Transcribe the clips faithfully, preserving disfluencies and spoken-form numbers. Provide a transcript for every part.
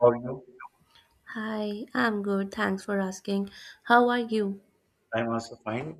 How are you? Hi, I'm good. Thanks for asking. How are you? I'm also fine.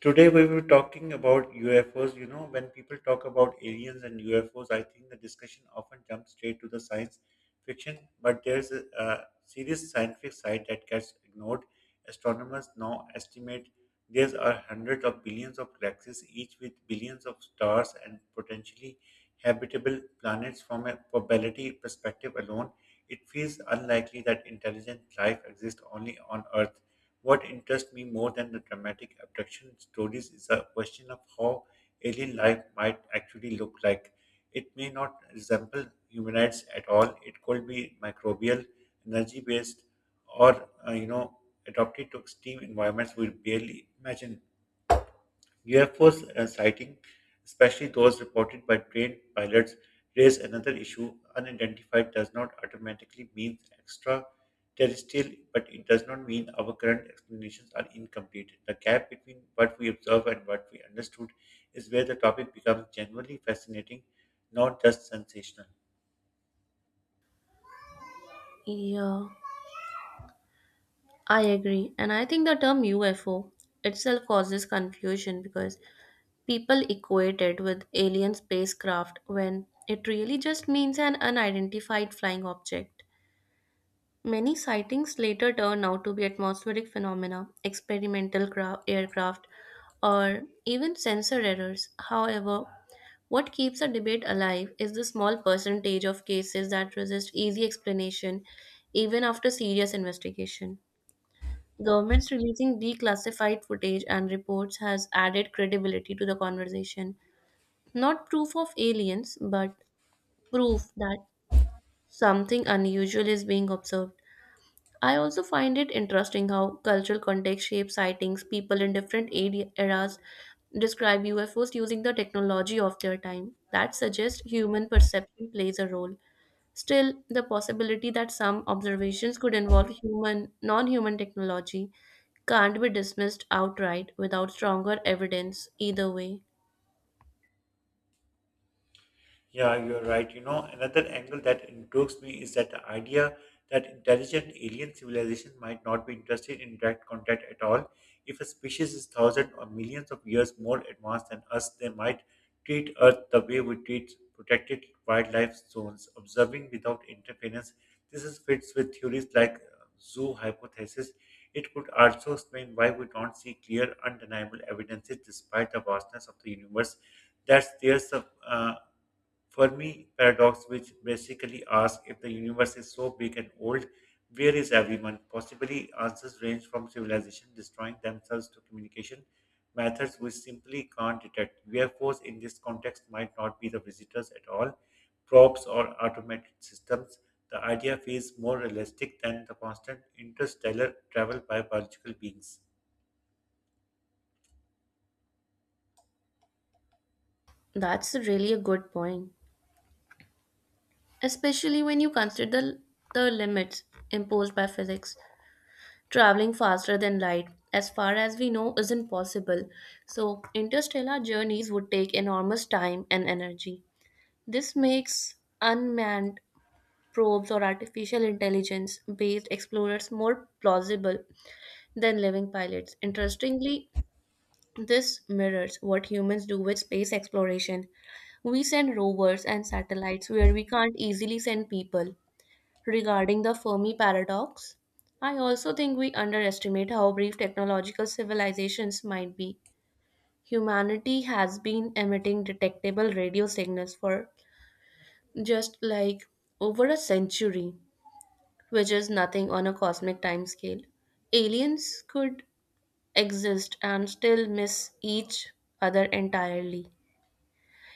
Today we were talking about U F Os. You know, when people talk about aliens and U F Os, I think the discussion often jumps straight to the science fiction, but there's a, a serious scientific side that gets ignored. Astronomers now estimate there are hundreds of billions of galaxies, each with billions of stars and potentially habitable planets. From a probability perspective alone, it feels unlikely that intelligent life exists only on Earth. What interests me more than the dramatic abduction stories is the question of how alien life might actually look like. It may not resemble humanoids at all. It could be microbial, energy based, or uh, you know adapted to extreme environments we barely imagine. U F Os uh, sighting, especially those reported by trained pilots, raise another issue. Unidentified does not automatically mean extraterrestrial, but it does not mean our current explanations are incomplete. The gap between what we observe and what we understood is where the topic becomes genuinely fascinating, not just sensational. Yeah, I agree. And I think the term U F O itself causes confusion because people equate it with alien spacecraft when it really just means an unidentified flying object. Many sightings later turn out to be atmospheric phenomena, experimental cra- aircraft, or even sensor errors. However, what keeps a debate alive is the small percentage of cases that resist easy explanation even after serious investigation. Governments releasing declassified footage and reports has added credibility to the conversation. Not proof of aliens, but proof that something unusual is being observed. I also find it interesting how cultural context shapes sightings. People in different ade- eras describe U F Os using the technology of their time. That suggests human perception plays a role. Still, the possibility that some observations could involve human, non-human technology can't be dismissed outright without stronger evidence either way. Yeah, you're right. You know, another angle that intrigues me is that the idea that intelligent alien civilization might not be interested in direct contact at all. If a species is thousands or millions of years more advanced than us, they might treat Earth the way we treat protected wildlife zones, observing without interference. This is fits with theories like uh, zoo hypothesis. It could also explain why we don't see clear, undeniable evidences despite the vastness of the universe. That's there's a uh, for me, paradox, which basically asks if the universe is so big and old, where is everyone? Possibly answers range from civilization destroying themselves to communication methods we simply can't detect. U F Os in this context might not be the visitors at all, probes or automated systems. The idea feels more realistic than the constant interstellar travel by biological beings. That's really a good point, especially when you consider the limits imposed by physics. Traveling faster than light, as far as we know, isn't possible, so interstellar journeys would take enormous time and energy. This makes unmanned probes or artificial intelligence based explorers more plausible than living pilots. Interestingly, this mirrors what humans do with space exploration. We send rovers and satellites where we can't easily send people. Regarding the Fermi paradox, I also think we underestimate how brief technological civilizations might be. Humanity has been emitting detectable radio signals for just like over a century, which is nothing on a cosmic timescale. Aliens could exist and still miss each other entirely.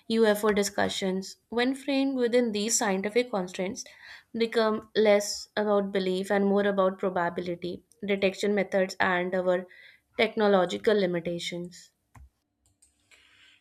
U F O discussions, when framed within these scientific constraints, become less about belief and more about probability, detection methods, and our technological limitations.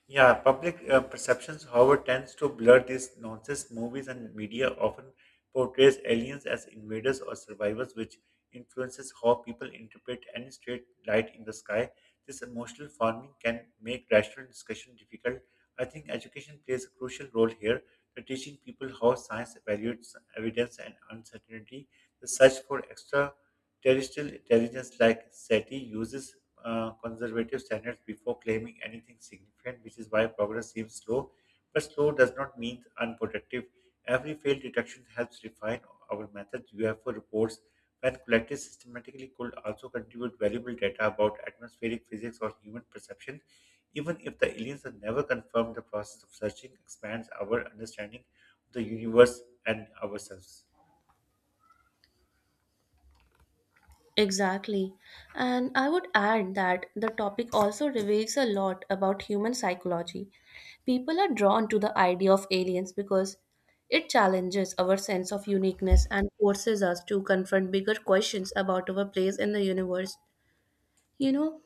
Yeah, public uh, perceptions, however, tends to blur these nonsense. Movies and media often portrays aliens as invaders or survivors, which influences how people interpret any straight light in the sky. This emotional farming can make rational discussion difficult. I think education plays a crucial role here, by teaching people how science evaluates evidence and uncertainty. The search for extra Terrestrial intelligence like SETI uses uh, conservative standards before claiming anything significant, which is why progress seems slow. But slow does not mean unproductive. Every failed detection helps refine our methods. U F O reports, when collected systematically, could also contribute valuable data about atmospheric physics or human perception. Even if the aliens are never confirmed, the process of searching expands our understanding of the universe and ourselves. Exactly. And I would add that the topic also reveals a lot about human psychology. People are drawn to the idea of aliens because it challenges our sense of uniqueness and forces us to confront bigger questions about our place in the universe. You know,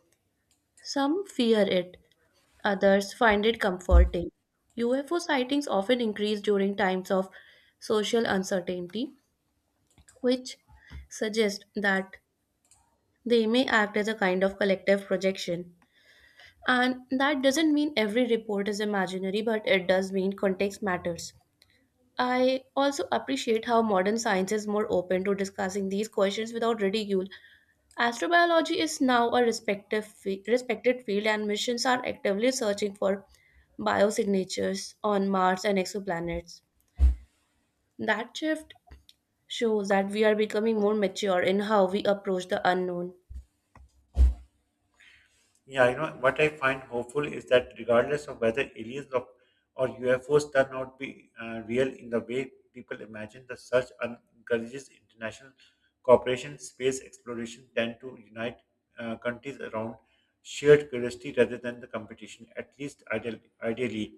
some fear it, others find it comforting. U F O sightings often increase during times of social uncertainty, which suggests that they may act as a kind of collective projection. And that doesn't mean every report is imaginary, but it does mean context matters. I also appreciate how modern science is more open to discussing these questions without ridicule. Astrobiology is now a respective fe- respected field, and missions are actively searching for biosignatures on Mars and exoplanets. That shift shows that we are becoming more mature in how we approach the unknown. Yeah, you know, what I find hopeful is that regardless of whether aliens or, or U F Os turn out to be uh, real in the way people imagine, the search un- encourages international cooperation, space exploration tend to unite uh, countries around shared curiosity rather than the competition, at least ideal, ideally.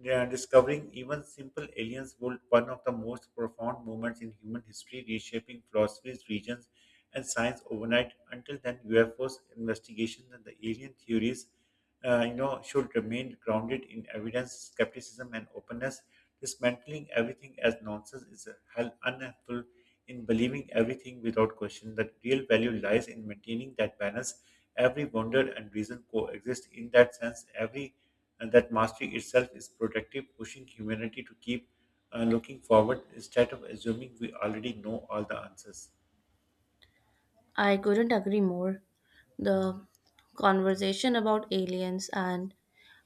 Yeah, discovering even simple aliens would one of the most profound moments in human history, reshaping philosophies, regions, and science overnight. Until then, U F Os investigations and the alien theories uh, you know, should remain grounded in evidence, skepticism, and openness. Dismantling everything as nonsense is a hell unhelpful in believing everything without question. The real value lies in maintaining that balance. Every wonder and reason coexist. In that sense, every and that mastery itself is productive, pushing humanity to keep uh, looking forward instead of assuming we already know all the answers. I couldn't agree more. The conversation about aliens and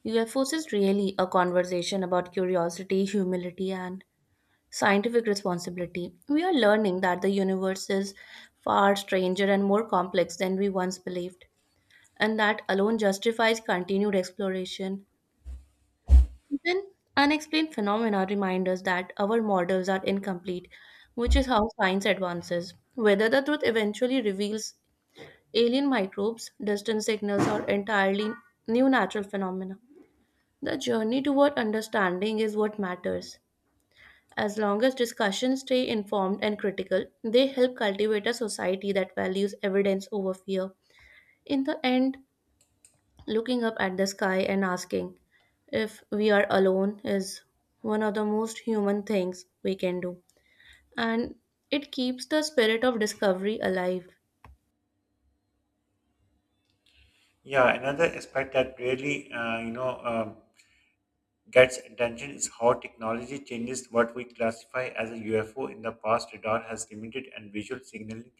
U F Os is really a conversation about curiosity, humility, and scientific responsibility. We are learning that the universe is far stranger and more complex than we once believed, and that alone justifies continued exploration. Even unexplained phenomena remind us that our models are incomplete, which is how science advances. Whether the truth eventually reveals alien microbes, distant signals, or entirely new natural phenomena, the journey toward understanding is what matters. As long as discussions stay informed and critical, they help cultivate a society that values evidence over fear. In the end, looking up at the sky and asking if we are alone is one of the most human things we can do. And it keeps the spirit of discovery alive. Yeah, another aspect that really, uh, you know, um, gets attention is how technology changes what we classify as a U F O. In the past, radar has limited and visual signaling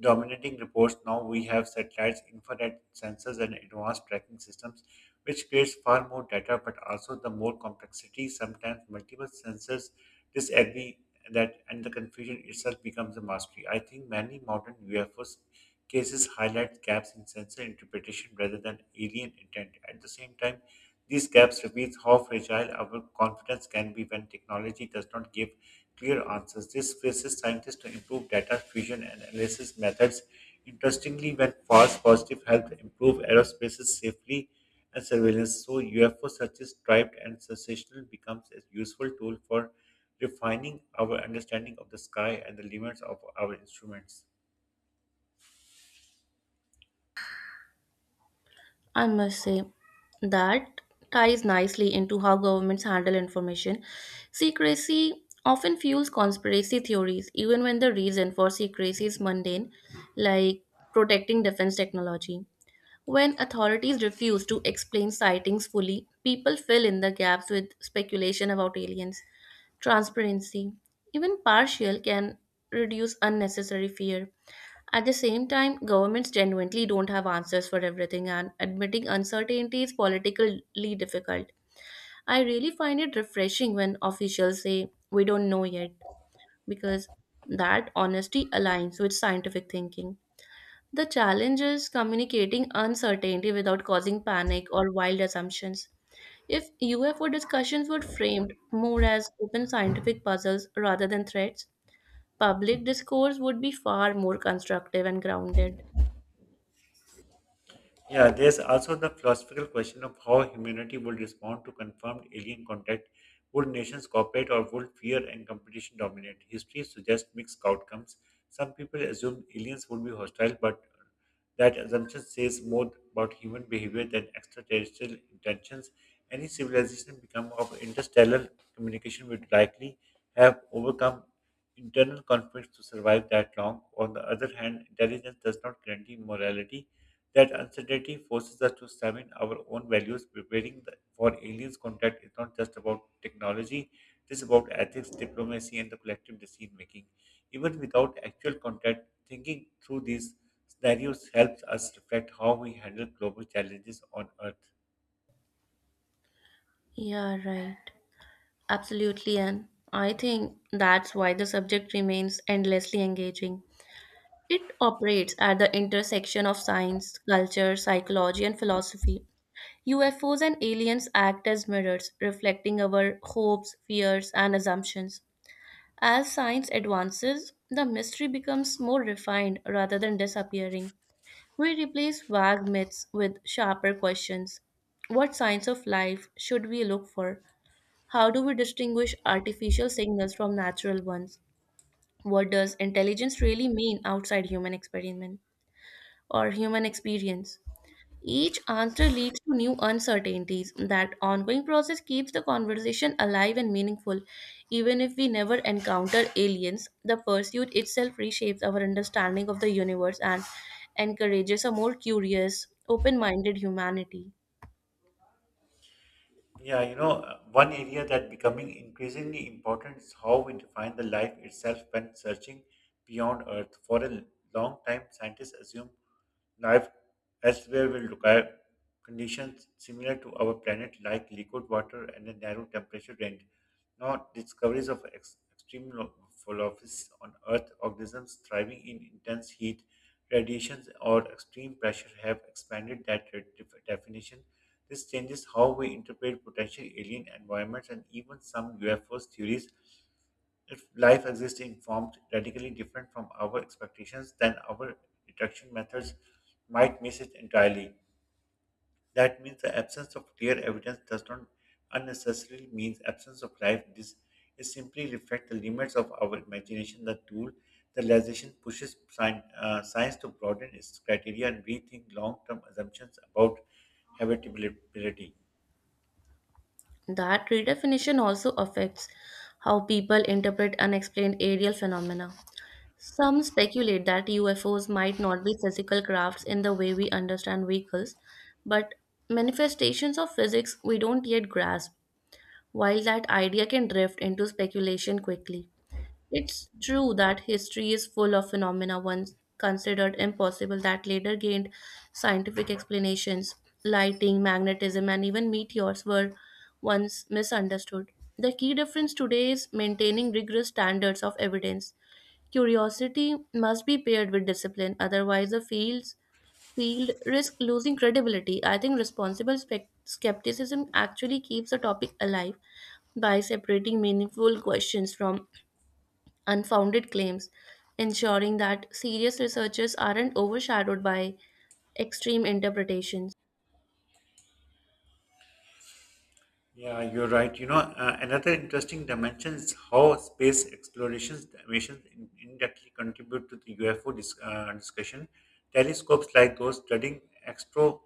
dominating reports. Now we have satellites, infrared sensors, and advanced tracking systems, which creates far more data but also the more complexity. Sometimes multiple sensors this agree that and the confusion itself becomes a mastery. I think many modern U F Os cases highlight gaps in sensor interpretation rather than alien intent. At the same time, these gaps reveals how fragile our confidence can be when technology does not give clear answers. This forces scientists to improve data fusion and analysis methods. Interestingly, when false positive help improve aerospaces safely and surveillance, so U F O searches, tribed, and sensational becomes a useful tool for refining our understanding of the sky and the limits of our instruments. I must say that ties nicely into how governments handle information. Secrecy often fuels conspiracy theories, even when the reason for secrecy is mundane, like protecting defense technology. When authorities refuse to explain sightings fully, people fill in the gaps with speculation about aliens. Transparency, even partial, can reduce unnecessary fear. At the same time, governments genuinely don't have answers for everything, and admitting uncertainty is politically difficult. I really find it refreshing when officials say, "We don't know yet," because that honesty aligns with scientific thinking. The challenge is communicating uncertainty without causing panic or wild assumptions. If U F O discussions were framed more as open scientific puzzles rather than threats, public discourse would be far more constructive and grounded. Yeah, there's also the philosophical question of how humanity would respond to confirmed alien contact. Would nations cooperate or would fear and competition dominate? History suggests mixed outcomes. Some people assumed aliens would be hostile, but that assumption says more about human behavior than extraterrestrial intentions. Any civilization become of interstellar communication would likely have overcome internal conflicts to survive that long. On the other hand, intelligence does not guarantee morality that uncertainty forces us to examine our own values. Preparing the- for aliens contact is not just about technology, it is about ethics, diplomacy, and the collective decision making. Even without actual contact, thinking through these scenarios helps us reflect how we handle global challenges on Earth. Yeah, right. Absolutely, and I think that's why the subject remains endlessly engaging. It operates at the intersection of science, culture, psychology, and philosophy. U F Os and aliens act as mirrors, reflecting our hopes, fears, and assumptions. As science advances, the mystery becomes more refined rather than disappearing. We replace vague myths with sharper questions. What signs of life should we look for? How do we distinguish artificial signals from natural ones? What does intelligence really mean outside human experiment or human experience? Each answer leads to new uncertainties. That ongoing process keeps the conversation alive and meaningful. Even if we never encounter aliens, the pursuit itself reshapes our understanding of the universe and encourages a more curious, open minded humanity. Yeah, you know, uh, one area that becoming increasingly important is how we define the life itself when searching beyond Earth. For a l- long time, scientists assumed Life elsewhere will require conditions similar to our planet, like liquid water and a narrow temperature range. Now, discoveries of ex- extreme lo- philosophies on Earth, organisms thriving in intense heat, radiations, or extreme pressure have expanded that re- def- definition. This changes how we interpret potential alien environments and even some U F Os theories. If life exists in forms radically different from our expectations, then our detection methods might miss it entirely. That means the absence of clear evidence does not unnecessarily mean absence of life. This is simply reflect the limits of our imagination. The tool, the realization pushes sci- uh, science to broaden its criteria and rethink long-term assumptions about habitability. That redefinition also affects how people interpret unexplained aerial phenomena. Some speculate that U F Os might not be physical crafts in the way we understand vehicles, but manifestations of physics we don't yet grasp, while that idea can drift into speculation quickly. It's true that history is full of phenomena once considered impossible that later gained scientific explanations. Lighting, magnetism, and even meteors were once misunderstood. The key difference today is maintaining rigorous standards of evidence. Curiosity must be paired with discipline, otherwise, the fields field risk losing credibility. I think responsible spec- skepticism actually keeps the topic alive by separating meaningful questions from unfounded claims, ensuring that serious researchers aren't overshadowed by extreme interpretations. Yeah, you're right. You know, uh, another interesting dimension is how space explorations missions in- indirectly contribute to the U F O dis- uh, discussion. Telescopes like those studying extro-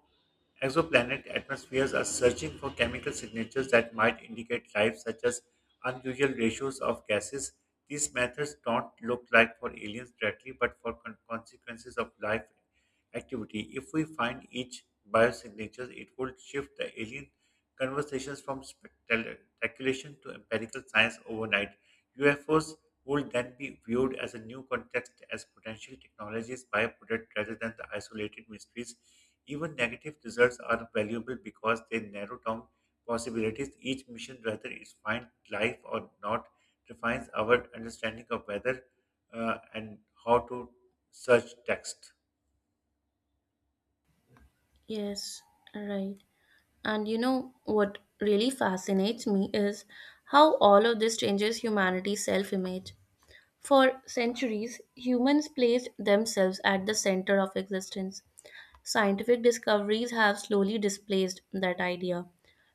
exoplanet atmospheres are searching for chemical signatures that might indicate life, such as unusual ratios of gases. These methods don't look like for aliens directly, but for con- consequences of life activity. If we find each biosignatures, it would shift the alien conversations from spectal- speculation to empirical science overnight. U F Os would then be viewed as a new context as potential technologies byproduct rather than the isolated mysteries. Even negative results are valuable because they narrow down possibilities. Each mission, whether it's find life or not, defines our understanding of whether uh, and how to search text. Yes, right. And you know what really fascinates me is how all of this changes humanity's self image. For centuries, humans placed themselves at the center of existence. Scientific discoveries have slowly displaced that idea,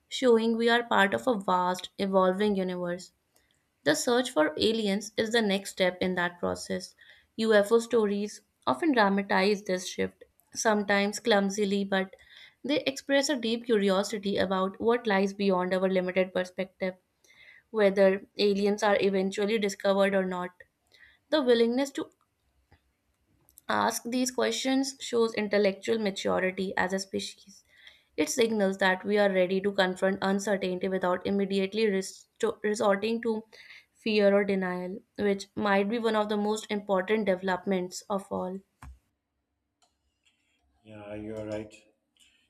showing we are part of a vast, evolving universe. The search for aliens is the next step in that process. U F O stories often dramatize this shift, sometimes clumsily, but they express a deep curiosity about what lies beyond our limited perspective, whether aliens are eventually discovered or not. The willingness to ask these questions shows intellectual maturity as a species. It signals that we are ready to confront uncertainty without immediately res- to- resorting to fear or denial, which might be one of the most important developments of all. Yeah, you're right.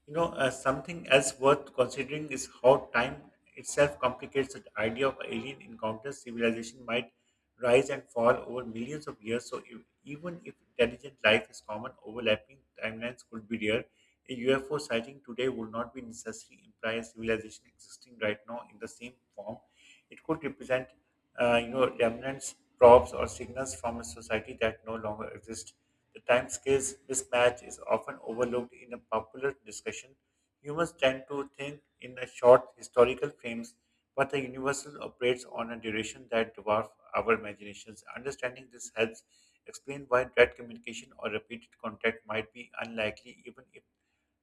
You know, uh, something else worth considering is how time itself complicates the idea of alien encounters. Civilization might rise and fall over millions of years, so if, even if intelligent life is common, overlapping timelines could be rare. A U F O sighting today would not be necessarily imply a civilization existing right now in the same form. It could represent, uh, you know, remnants, props, or signals from a society that no longer exists. The timescales mismatch is often overlooked in a popular discussion. Humans tend to think in a short historical frames, but the universe operates on a duration that dwarfs our imaginations. Understanding this helps explain why direct communication or repeated contact might be unlikely even if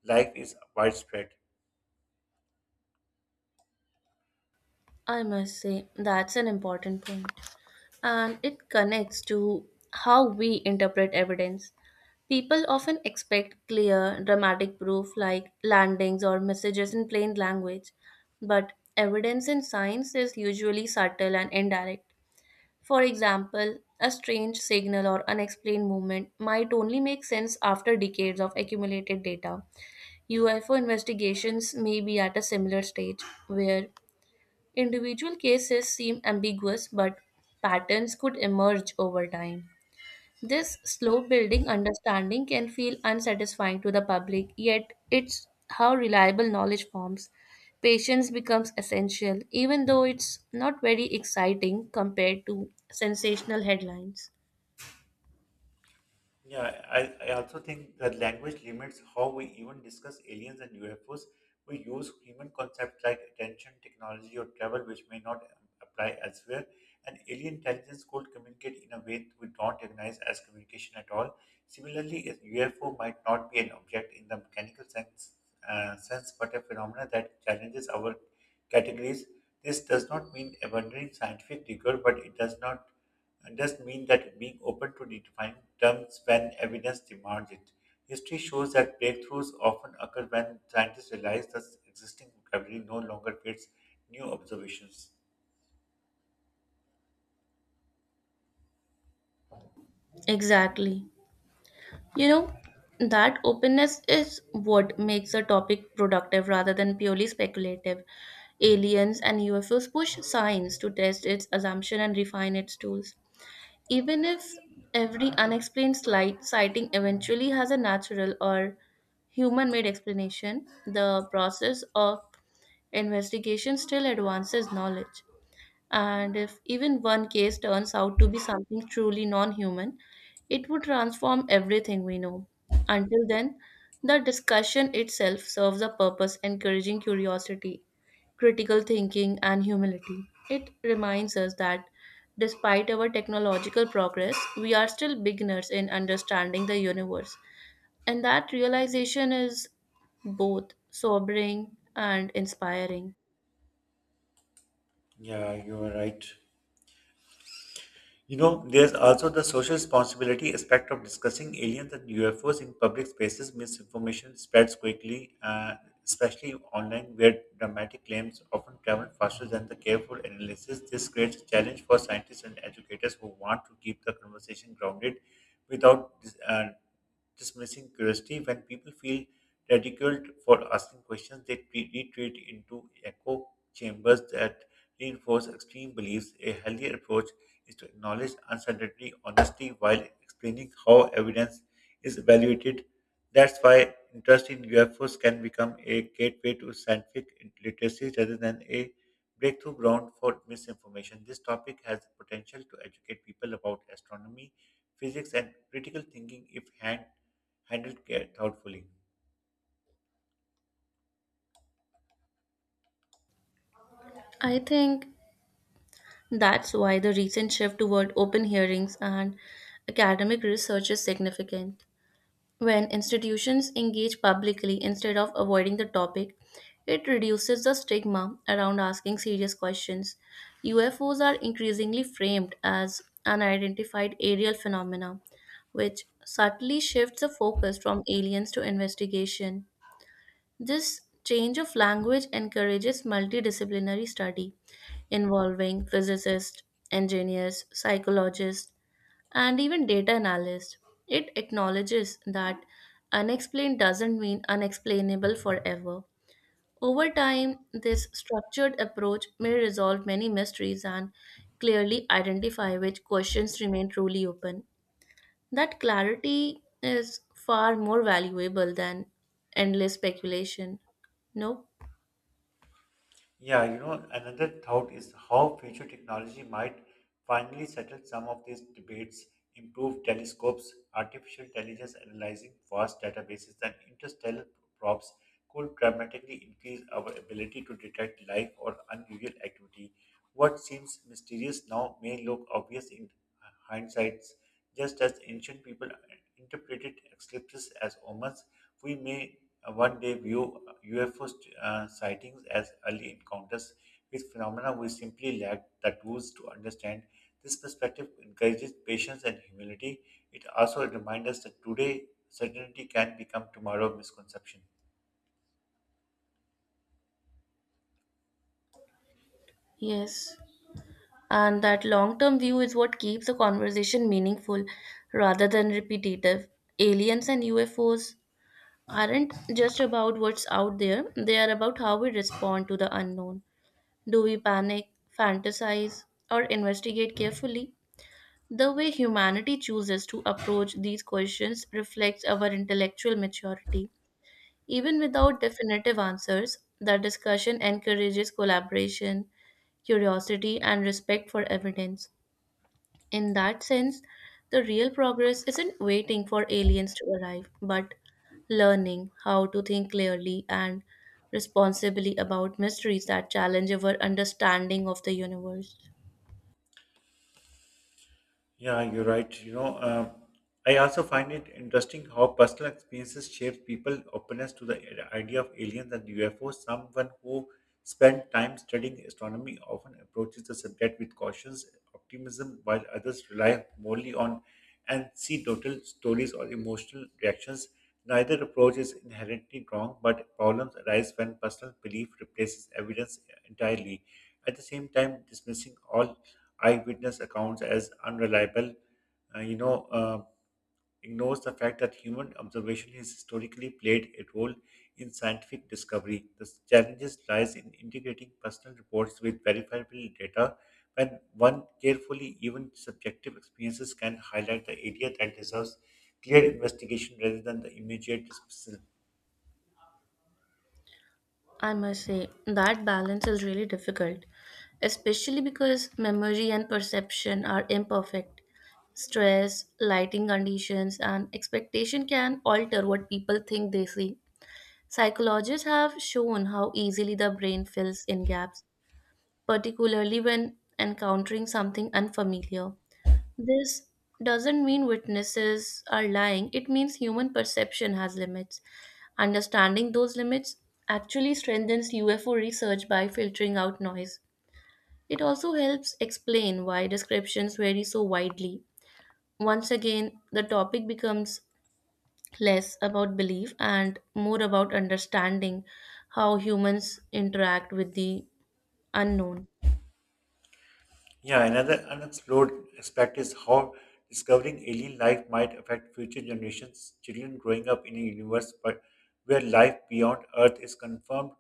life is widespread. I must say, that's an important point, and it connects to how we interpret evidence. People often expect clear, dramatic proof like landings or messages in plain language, but evidence in science is usually subtle and indirect. For example, a strange signal or unexplained movement might only make sense after decades of accumulated data. U F O investigations may be at a similar stage where individual cases seem ambiguous, but patterns could emerge over time. This slow building understanding can feel unsatisfying to the public, yet it's how reliable knowledge forms. Patience becomes essential, even though it's not very exciting compared to sensational headlines. Yeah, I, I also think that language limits how we even discuss aliens and U F Os. We use human concepts like attention, technology, or travel, which may not um, apply elsewhere. And alien intelligence could communicate in a way we don't recognize as communication at all. Similarly, a U F O might not be an object in the mechanical sense, uh, sense but a phenomena that challenges our categories. This does not mean abandoning scientific rigor, but it does not. It does mean that being open to redefining terms when evidence demands it. History shows that breakthroughs often occur when scientists realize that existing vocabulary no longer fits new observations. Exactly. You know, that openness is what makes a topic productive rather than purely speculative. Aliens and U F Os push science to test its assumption and refine its tools. Even if every unexplained slight sighting eventually has a natural or human made explanation, the process of investigation still advances knowledge. And if even one case turns out to be something truly non human, it would transform everything we know. Until then, the discussion itself serves a purpose, encouraging curiosity, critical thinking, and humility. It reminds us that despite our technological progress, we are still beginners in understanding the universe. And that realization is both sobering and inspiring. Yeah, you are right. You know, there's also the social responsibility aspect of discussing aliens and U F Os in public spaces. Misinformation spreads quickly, uh, especially online, where dramatic claims often travel faster than the careful analysis. This creates a challenge for scientists and educators who want to keep the conversation grounded without uh, dismissing curiosity. When people feel ridiculed for asking questions, they tre- retreat into echo chambers that reinforce extreme beliefs. A healthier approach is to acknowledge uncertainty honestly while explaining how evidence is evaluated. That's why interest in U F Os can become a gateway to scientific literacy rather than a breakthrough ground for misinformation. This topic has the potential to educate people about astronomy physics, and critical thinking if hand, handled care thoughtfully. I think that's why the recent shift toward open hearings and academic research is significant. When institutions engage publicly instead of avoiding the topic, it reduces the stigma around asking serious questions. U F Os are increasingly framed as unidentified aerial phenomena, which subtly shifts the focus from aliens to investigation. This change of language encourages multidisciplinary study involving physicists, engineers, psychologists, and even data analysts. It acknowledges that unexplained doesn't mean unexplainable forever. Over time, this structured approach may resolve many mysteries and clearly identify which questions remain truly open. That clarity is far more valuable than endless speculation. No? Yeah, you know, another thought is how future technology might finally settle some of these debates, Improved telescopes, artificial intelligence analyzing vast databases, and interstellar probes could dramatically increase our ability to detect life or unusual activity. What seems mysterious now may look obvious in hindsights, just as ancient people interpreted eclipses as omens, we may uh, one day view U F O uh, sightings as early encounters with phenomena we simply lack the tools to understand. This perspective encourages patience and humility. It also reminds us that today certainty can become tomorrow misconception. Yes, and that long term view is what keeps the conversation meaningful rather than repetitive. Aliens and U F Os aren't just about what's out there, they are about how we respond to the unknown. Do we panic, fantasize, or investigate carefully? The way humanity chooses to approach these questions reflects our intellectual maturity. Even without definitive answers, the discussion encourages collaboration, curiosity, and respect for evidence. In that sense, the real progress isn't waiting for aliens to arrive, but learning how to think clearly and responsibly about mysteries that challenge our understanding of the universe. Yeah, you're right. You know, um, I also find it interesting how personal experiences shape people's openness to the i- idea of aliens and U F Os. Someone who spent time studying astronomy often approaches the subject with cautious optimism, while others rely wholly on and see total stories or emotional reactions. Neither approach is inherently wrong, but problems arise when personal belief replaces evidence entirely. At the same time, dismissing all eyewitness accounts as unreliable, uh, you know, uh, ignores the fact that human observation has historically played a role in scientific discovery. The challenges lies in integrating personal reports with verifiable data when one carefully even subjective experiences can highlight the area that deserves clear investigation rather than the immediate dismissal. I must say, that balance is really difficult, especially because memory and perception are imperfect. Stress, lighting conditions, and expectation can alter what people think they see. Psychologists have shown how easily the brain fills in gaps, particularly when encountering something unfamiliar. This doesn't mean witnesses are lying, it means human perception has limits. Understanding those limits actually strengthens U F O research by filtering out noise. It also helps explain why descriptions vary so widely. Once again, the topic becomes less about belief and more about understanding how humans interact with the unknown. Yeah, another unexplored aspect is how discovering alien life might affect future generations. Children growing up in a universe but where life beyond Earth is confirmed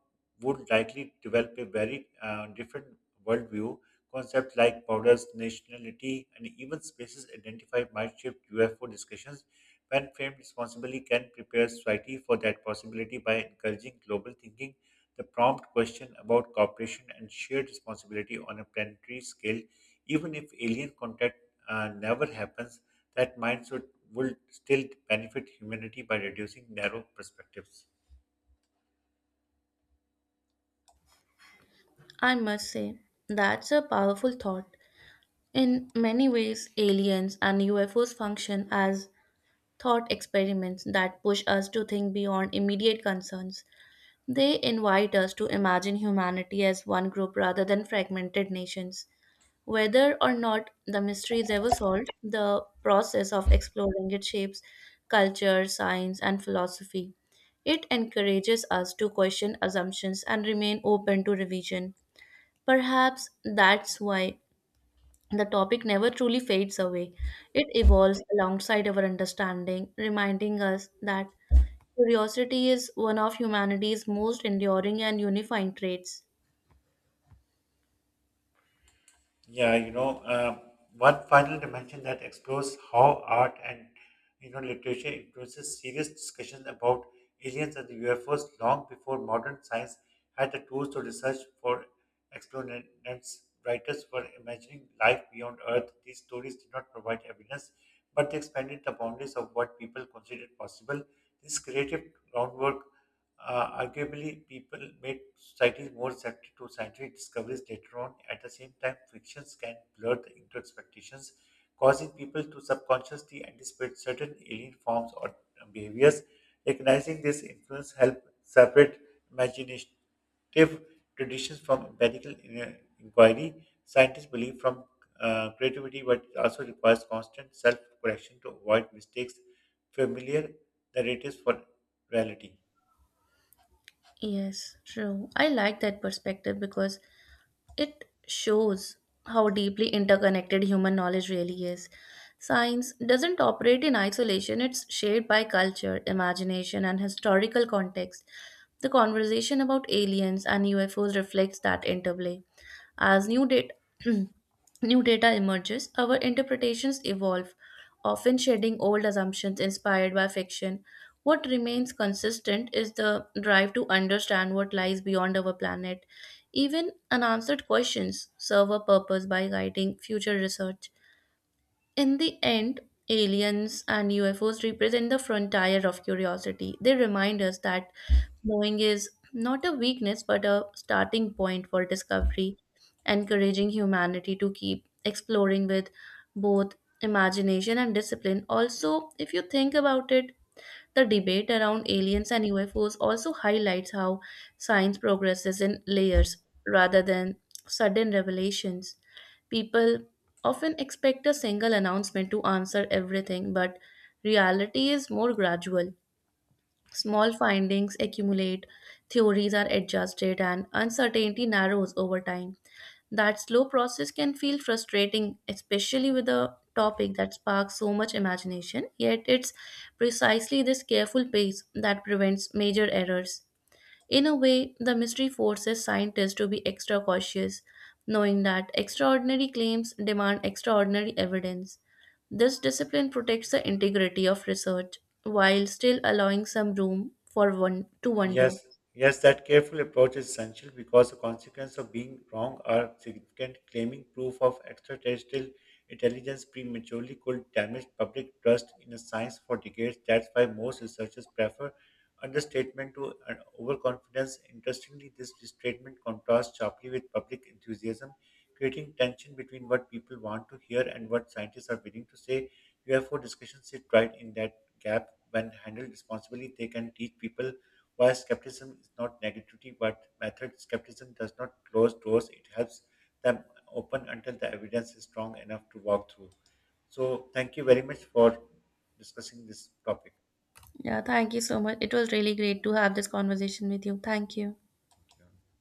would likely develop a very uh, different worldview. Concepts like borders, nationality, and even spaces identified might shift U F O discussions. When framed responsibly, can prepare society for that possibility by encouraging global thinking. The prompt question about cooperation and shared responsibility on a planetary scale even if alien contact uh, never happens, that mindset would still benefit humanity by reducing narrow perspectives. I must say, that's a powerful thought. In many ways, aliens and U F Os function as thought experiments that push us to think beyond immediate concerns. They invite us to imagine humanity as one group rather than fragmented nations. Whether or not the mystery is ever solved, the process of exploring it shapes culture, science, and philosophy. It encourages us to question assumptions and remain open to revision. Perhaps that's why the topic never truly fades away. It evolves alongside our understanding, reminding us that curiosity is one of humanity's most enduring and unifying traits. Yeah, you know, uh, one final dimension that explores how art and you know literature influences serious discussions about aliens and the U F Os long before modern science had the tools to research for explanations. Writers were imagining life beyond Earth. These stories did not provide evidence, but they expanded the boundaries of what people considered possible. This creative groundwork uh, arguably, people made society more receptive to scientific discoveries later on. At the same time, fictions can blur the into expectations, causing people to subconsciously anticipate certain alien forms or uh, behaviors. Recognizing this influence helps separate imaginative traditions from empirical in- uh, inquiry. Scientists believe from uh, creativity, but it also requires constant self-correction to avoid mistakes, familiar narratives for reality. Yes, true. I like that perspective because it shows how deeply interconnected human knowledge really is. Science doesn't operate in isolation, it's shaped by culture, imagination, and historical context. The conversation about aliens and U F Os reflects that interplay. As new data, new data emerges, our interpretations evolve, often shedding old assumptions inspired by fiction. What remains consistent is the drive to understand what lies beyond our planet. Even unanswered questions serve a purpose by guiding future research. In the end, aliens and U F Os represent the frontier of curiosity. They remind us that knowing is not a weakness but a starting point for discovery, encouraging humanity to keep exploring with both imagination and discipline. Also, if you think about it, the debate around aliens and U F Os also highlights how science progresses in layers rather than sudden revelations. People often expect a single announcement to answer everything, but reality is more gradual. Small findings accumulate, theories are adjusted, and uncertainty narrows over time. That slow process can feel frustrating, especially with a topic that sparks so much imagination, yet it's precisely this careful pace that prevents major errors. In a way, the mystery forces scientists to be extra cautious, knowing that extraordinary claims demand extraordinary evidence. This discipline protects the integrity of research while still allowing some room for one to Yes, wonder. yes, that careful approach is essential because the consequences of being wrong are significant. Claiming proof of extraterrestrial intelligence prematurely could damage public trust in a science for decades. That's why most researchers prefer understatement to an overconfidence. Interestingly, this statement contrasts sharply with public enthusiasm, creating tension between what people want to hear and what scientists are willing to say. U F O discussions sit right in that gap. When handled responsibly, they can teach people while skepticism is not negativity, but method skepticism does not close doors, it helps them open until the evidence is strong enough to walk through. So, thank you very much for discussing this topic. Yeah, thank you so much. It was really great to have this conversation with you. Thank you. Yeah.